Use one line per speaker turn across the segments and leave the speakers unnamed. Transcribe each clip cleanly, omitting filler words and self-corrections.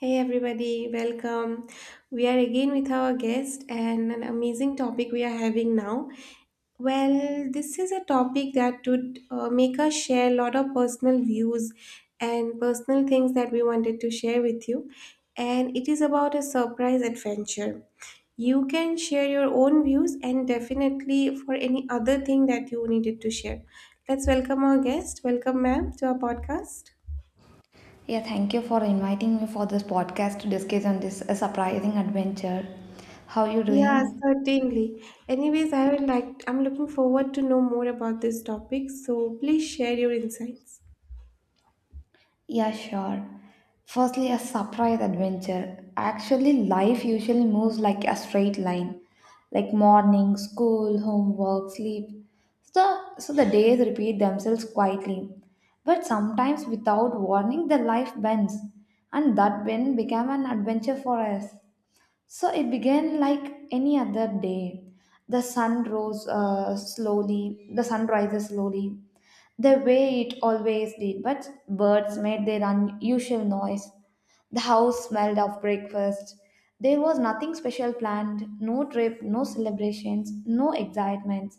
Hey everybody, welcome. We are again with our guest and an amazing topic we are having now. Well, this is a topic that would make us share a lot of personal views and personal things that we wanted to share with you. And it is about a surprise adventure. You can share your own views and definitely for any other thing that you needed to share. Let's welcome our guest. Welcome, ma'am, to our podcast.
Yeah, thank you for inviting me for this podcast to discuss on this surprising adventure. How you
Yeah,
doing?
certainly. Anyways, I would like, I'm looking forward to know more about this topic, so please share your insights.
Yeah, sure. Firstly, a surprise adventure. Actually, life usually moves like a straight line, like morning, school, homework, sleep. So the days repeat themselves quietly. But sometimes, without warning, the life bends, and that bend became an adventure for us. So it began like any other day. The sun rose slowly, the sun rises slowly, the way it always did, but birds made their unusual noise. The house smelled of breakfast. There was nothing special planned, no trip, no celebrations, no excitements.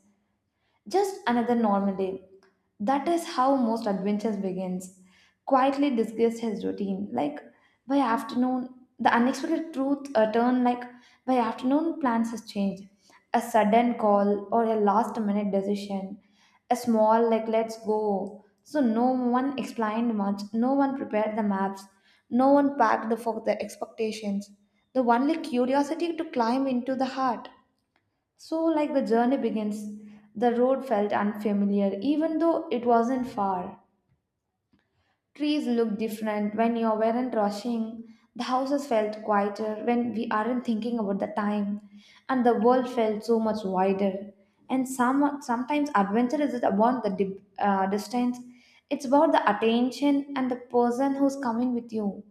Just another normal day. That is how most adventures begins. Quietly disguised his routine. Like by afternoon, the unexpected truth turned like by afternoon plans has changed. A sudden call or a last minute decision. A small like let's go. So no one explained much. No one prepared the maps. No one packed the for the expectations. The only curiosity to climb into the heart. So, like the journey begins, the road felt unfamiliar, even though it wasn't far. Trees looked different when you weren't rushing. The houses felt quieter when we aren't thinking about the time, and the world felt so much wider. And sometimes adventure isn't about the dip, distance; it's about the attention and the person who's coming with you.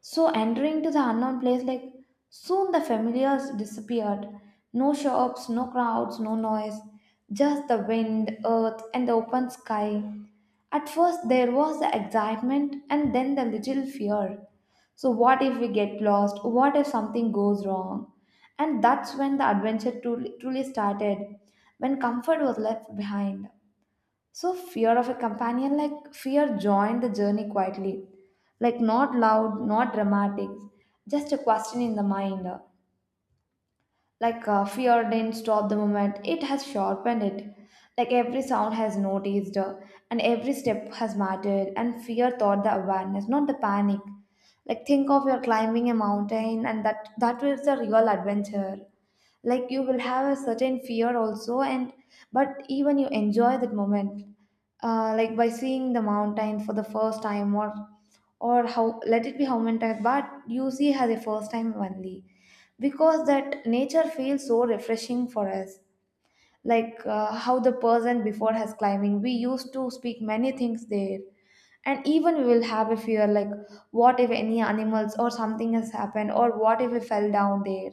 So entering to the unknown place, like soon the familiars disappeared. No shops, no crowds, no noise, just the wind, earth, and the open sky. At first there was the excitement and then the little fear. So what if we get lost? What if something goes wrong? And that's when the adventure truly started, when comfort was left behind. So fear of a companion, like fear joined the journey quietly. Like not loud, not dramatic, just a question in the mind. Like fear didn't stop the moment, it has sharpened it. Like every sound has noticed, and every step has mattered, and fear taught the awareness, not the panic. Like think of your climbing a mountain, and that was the real adventure. Like you will have a certain fear also, and but even you enjoy that moment. Like by seeing the mountain for the first time, or how let it be how many times, but you see it as a first time only because that nature feels so refreshing for us like how the person before has climbing we used to speak many things there, and even we will have a fear like what if any animals or something has happened, or what if we fell down there.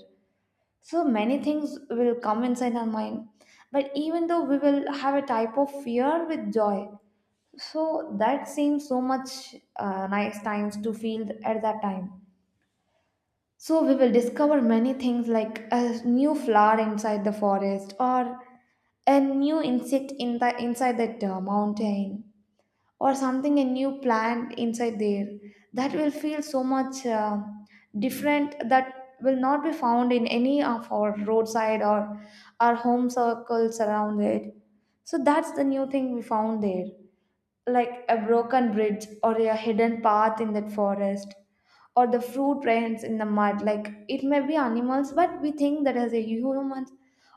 So many things will come inside our mind, but even though we will have a type of fear with joy. So that seems so much nice times to feel at that time. So we will discover many things like a new flower inside the forest, or a new insect in the inside that mountain, or something a new plant inside there. That will feel so much different that will not be found in any of our roadside or our home circles around it. So that's the new thing we found there, like a broken bridge or a hidden path in that forest, or the fruit rains in the mud, like it may be animals but we think that as a human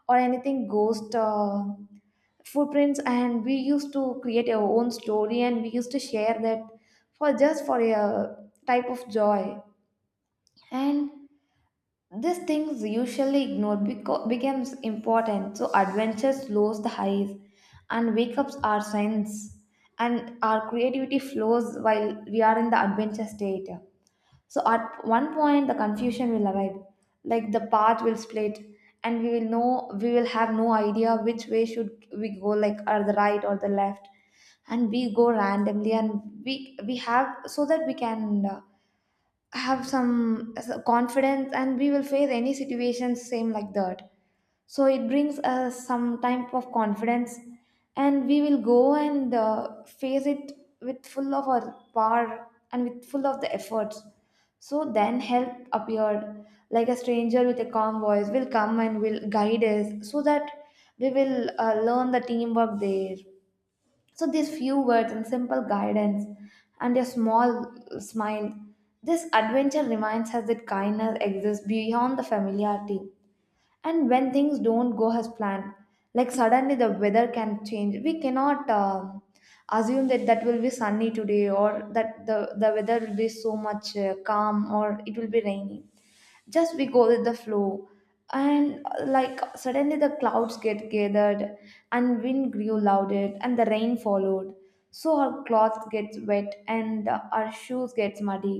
or anything ghost footprints, and we used to create our own story and we used to share that for just for a type of joy. And these things usually ignored becomes important, so adventures lose the highs, and wake-ups are signs, and our creativity flows while we are in the adventure state. So at one point, the confusion will arrive, like the path will split, and we will know we will have no idea which way should we go, like or the right or the left, and we go randomly, and we have so that we can. Have some confidence, and we will face any situation same like that. So it brings us some type of confidence, and we will go and face it with full of our power and with full of the efforts. So then help appeared like a stranger with a calm voice will come and will guide us, so that we will learn the teamwork there. So these few words and simple guidance and a small smile, this adventure reminds us that kindness exists beyond the familiarity. And when things don't go as planned, like suddenly the weather can change, we cannot assume that that will be sunny today, or that the weather will be so much calm, or it will be rainy. Just we go with the flow, and like suddenly the clouds get gathered, and wind grew louder and the rain followed. So our clothes gets wet and our shoes gets muddy,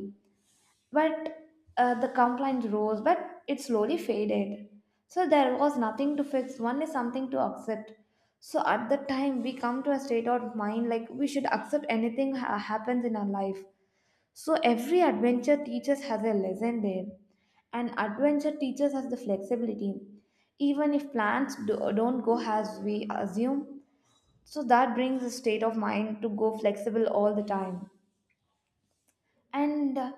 but the complaint rose, but it slowly faded. So there was nothing to fix, only something to accept. So at that time, we come to a state of mind like we should accept anything happens in our life. So every adventure teaches has a lesson there, and adventure teaches us the flexibility. Even if plans don't go as we assume, so that brings a state of mind to go flexible all the time, and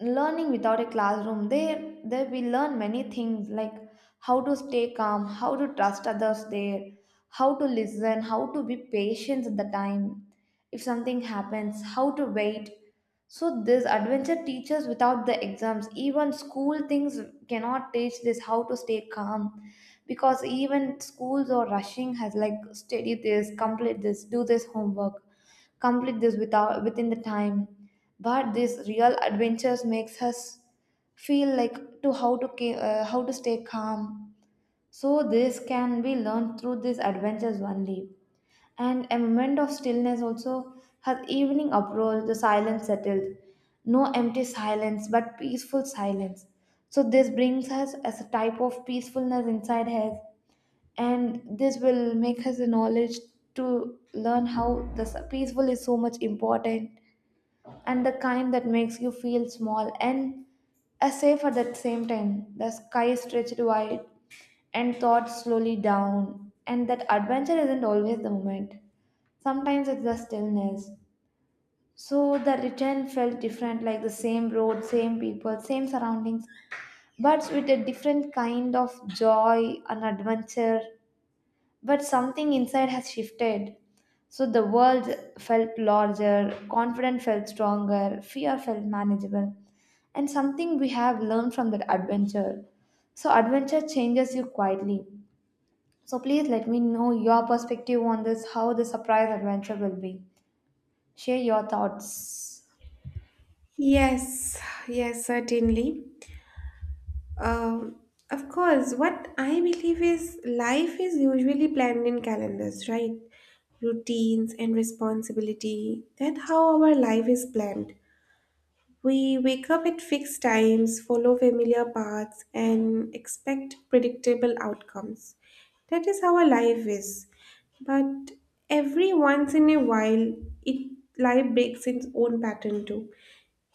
learning without a classroom there, there we learn many things like how to stay calm, how to trust others there, how to listen, how to be patient at the time, if something happens how to wait. So this adventure teaches without the exams, even school things cannot teach this, how to stay calm. Because even schools or rushing has like study this, complete this, do this homework, complete this without within the time. But these real adventures makes us feel like to how to how to stay calm. So this can be learned through these adventures only. And a moment of stillness also, has evening approach the silence settled. No empty silence but peaceful silence. So this brings us as a type of peacefulness inside us, and this will make us the knowledge to learn how the peaceful is so much important. And the kind that makes you feel small and a safe at the same time, the sky stretched wide and thoughts slowly down, and that adventure isn't always the moment, sometimes it's the stillness. So the return felt different, like the same road, same people, same surroundings, but with a different kind of joy and adventure. But something inside has shifted. So the world felt larger, confidence felt stronger, fear felt manageable, and something we have learned from that adventure. So adventure changes you quietly. So please let me know your perspective on this, how the surprise adventure will be. Share your thoughts.
Yes, yes, certainly. Um, of course, what I believe is life is usually planned in calendars, right? Routines and responsibility. That's how our life is planned. We wake up at fixed times, follow familiar paths, and expect predictable outcomes. That is how our life is. But every once in a while, it life breaks its own pattern too,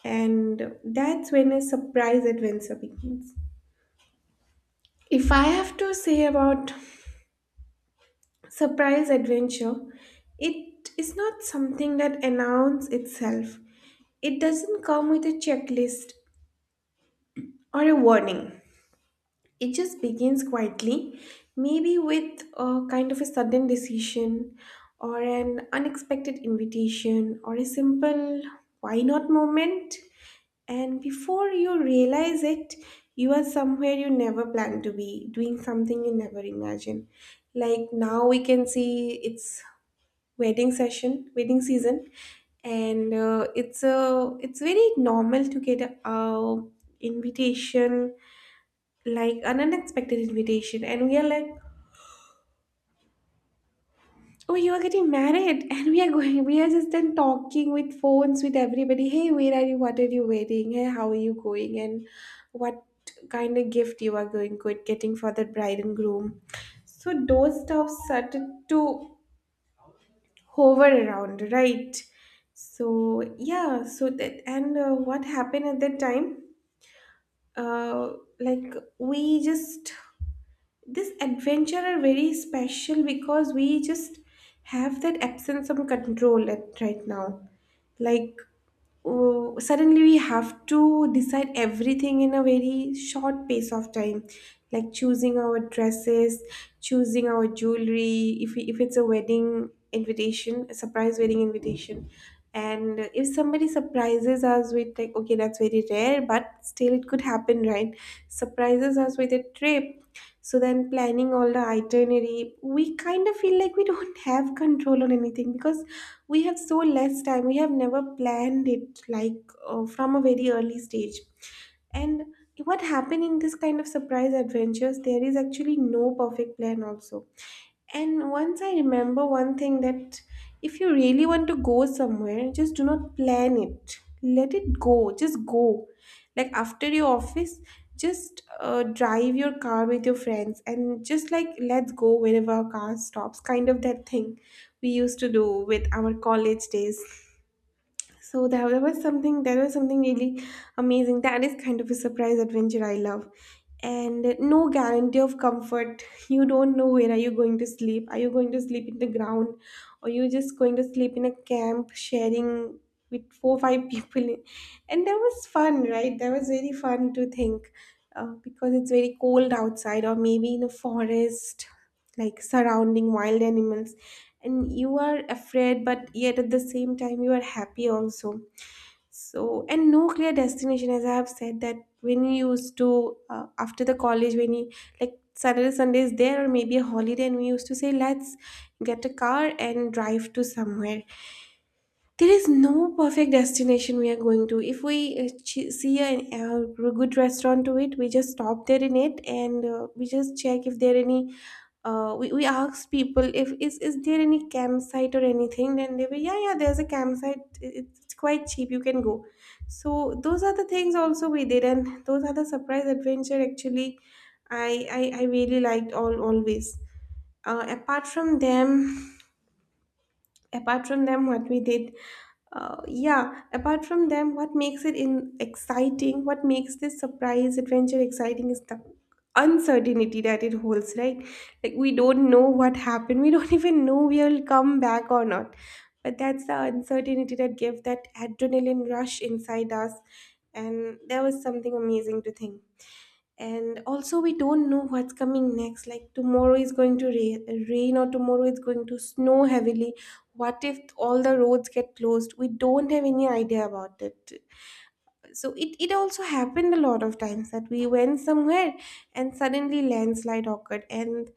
and that's when a surprise adventure begins. If I have to say about surprise adventure, it is not something that announces itself. It doesn't come with a checklist or a warning. It just begins quietly, maybe with a kind of a sudden decision or an unexpected invitation or a simple why not moment. And before you realize it, you are somewhere you never planned to be, doing something you never imagined. Like now we can see it's wedding season, and it's very normal to get a invitation, like an unexpected invitation, and we are like, oh, you are getting married and we are going. We are just then talking with phones with everybody, hey, where are you, what are you wearing, hey, how are you going, and what kind of gift you are going good getting for the bride and groom. So those stuff started to hover around, right? So yeah, so that, and what happened at that time, uh like we just, this adventure are very special because we just have that absence of control at right now. Like, oh, suddenly we have to decide everything in a very short pace of time, like choosing our dresses, choosing our jewelry, if it's a wedding invitation, a surprise wedding invitation. And if somebody surprises us with, like, okay, that's very rare but still it could happen, right? Surprises us with a trip, so then planning all the itinerary, we kind of feel like we don't have control on anything because we have so less time, we have never planned it, like from a very early stage. And what happened in this kind of surprise adventures, there is actually no perfect plan also. And once I remember one thing, that if you really want to go somewhere, just do not plan it. Let it go. Just go. Like after your office, just drive your car with your friends and just like, let's go wherever our car stops. Kind of that thing we used to do with our college days. So that was something, that was something really amazing. That is kind of a surprise adventure I love. And no guarantee of comfort. You don't know where are you going to sleep. Are you going to sleep in the ground, or you just going to sleep in a camp sharing with 4 5 people? And that was fun, right? That was very fun to think, because it's very cold outside or maybe in a forest, like surrounding wild animals, and you are afraid but yet at the same time you are happy also. So, and no clear destination, as I have said, that when you used to, after the college, when you, like, Saturday Sunday is there or maybe a holiday, and we used to say, let's get a car and drive to somewhere. There is no perfect destination we are going to. If we see a good restaurant to it, we just stop there in it, and we just check if there any. We ask people if is there any campsite or anything. Then they were, yeah, yeah, there's a campsite. It's quite cheap. You can go. So those are the things also we did, and those are the surprise adventure actually. I I really liked all always. Apart from them, apart from them, what we did, yeah, apart from them, what makes it in exciting, what makes this surprise adventure exciting, is the uncertainty that it holds, right? Like we don't know what happened, we don't even know we'll come back or not, but that's the uncertainty that gave that adrenaline rush inside us. And that was something amazing to think. And also we don't know what's coming next, like tomorrow is going to rain, or tomorrow is going to snow heavily. What if all the roads get closed? We don't have any idea about it. So it also happened a lot of times that we went somewhere and suddenly landslide occurred, and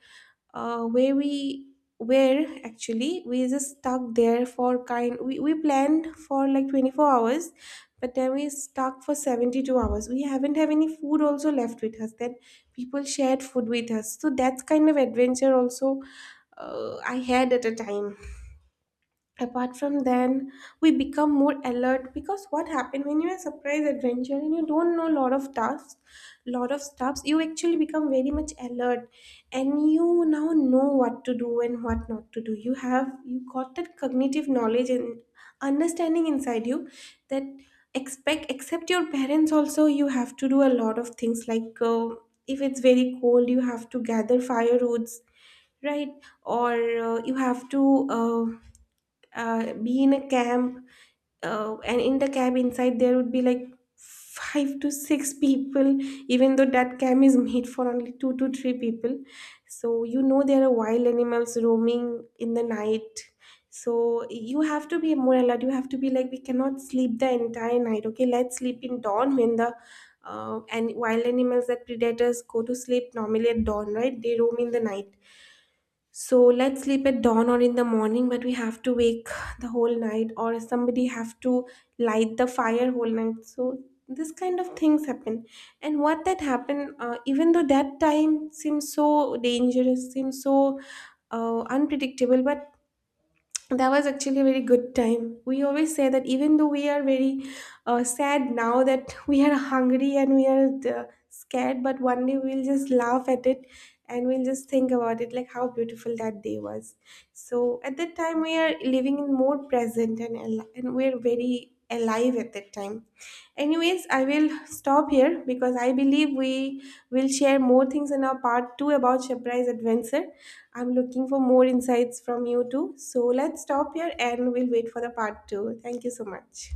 where we were actually, we just stuck there for kind we planned for like 24 hours, but then we stuck for 72 hours. We haven't have any food also left with us, then people shared food with us. So that's kind of adventure also I had at a time. Apart from then, we become more alert because what happened, when you're a surprise adventure and you don't know a lot of tasks, lot of stuffs, you actually become very much alert, and you now know what to do and what not to do. You have, you got that cognitive knowledge and understanding inside you, that expect except your parents also you have to do a lot of things, like if it's very cold you have to gather firewoods, right? Or you have to uh, be in a camp, and in the camp inside there would be like five to six people, even though that camp is made for only two to three people. So you know there are wild animals roaming in the night, so you have to be more alert. You have to be like, we cannot sleep the entire night, okay, let's sleep in dawn when the, and wild animals, that predators go to sleep normally at dawn, right, they roam in the night. So let's sleep at dawn or in the morning, but we have to wake the whole night, or somebody have to light the fire whole night. So this kind of things happen, and what that happened, even though that time seems so dangerous, seems so unpredictable, but that was actually a very good time. We always say that even though we are very sad now that we are hungry and we are uh, scared, but one day we'll just laugh at it and we'll just think about it like how beautiful that day was. So at that time we are living in more present and and we're very alive at that time. Anyways, I will stop here because I believe we will share more things in our part 2 about surprise adventure. I'm looking for more insights from you too, so let's stop here and we'll wait for the part 2. Thank you so much.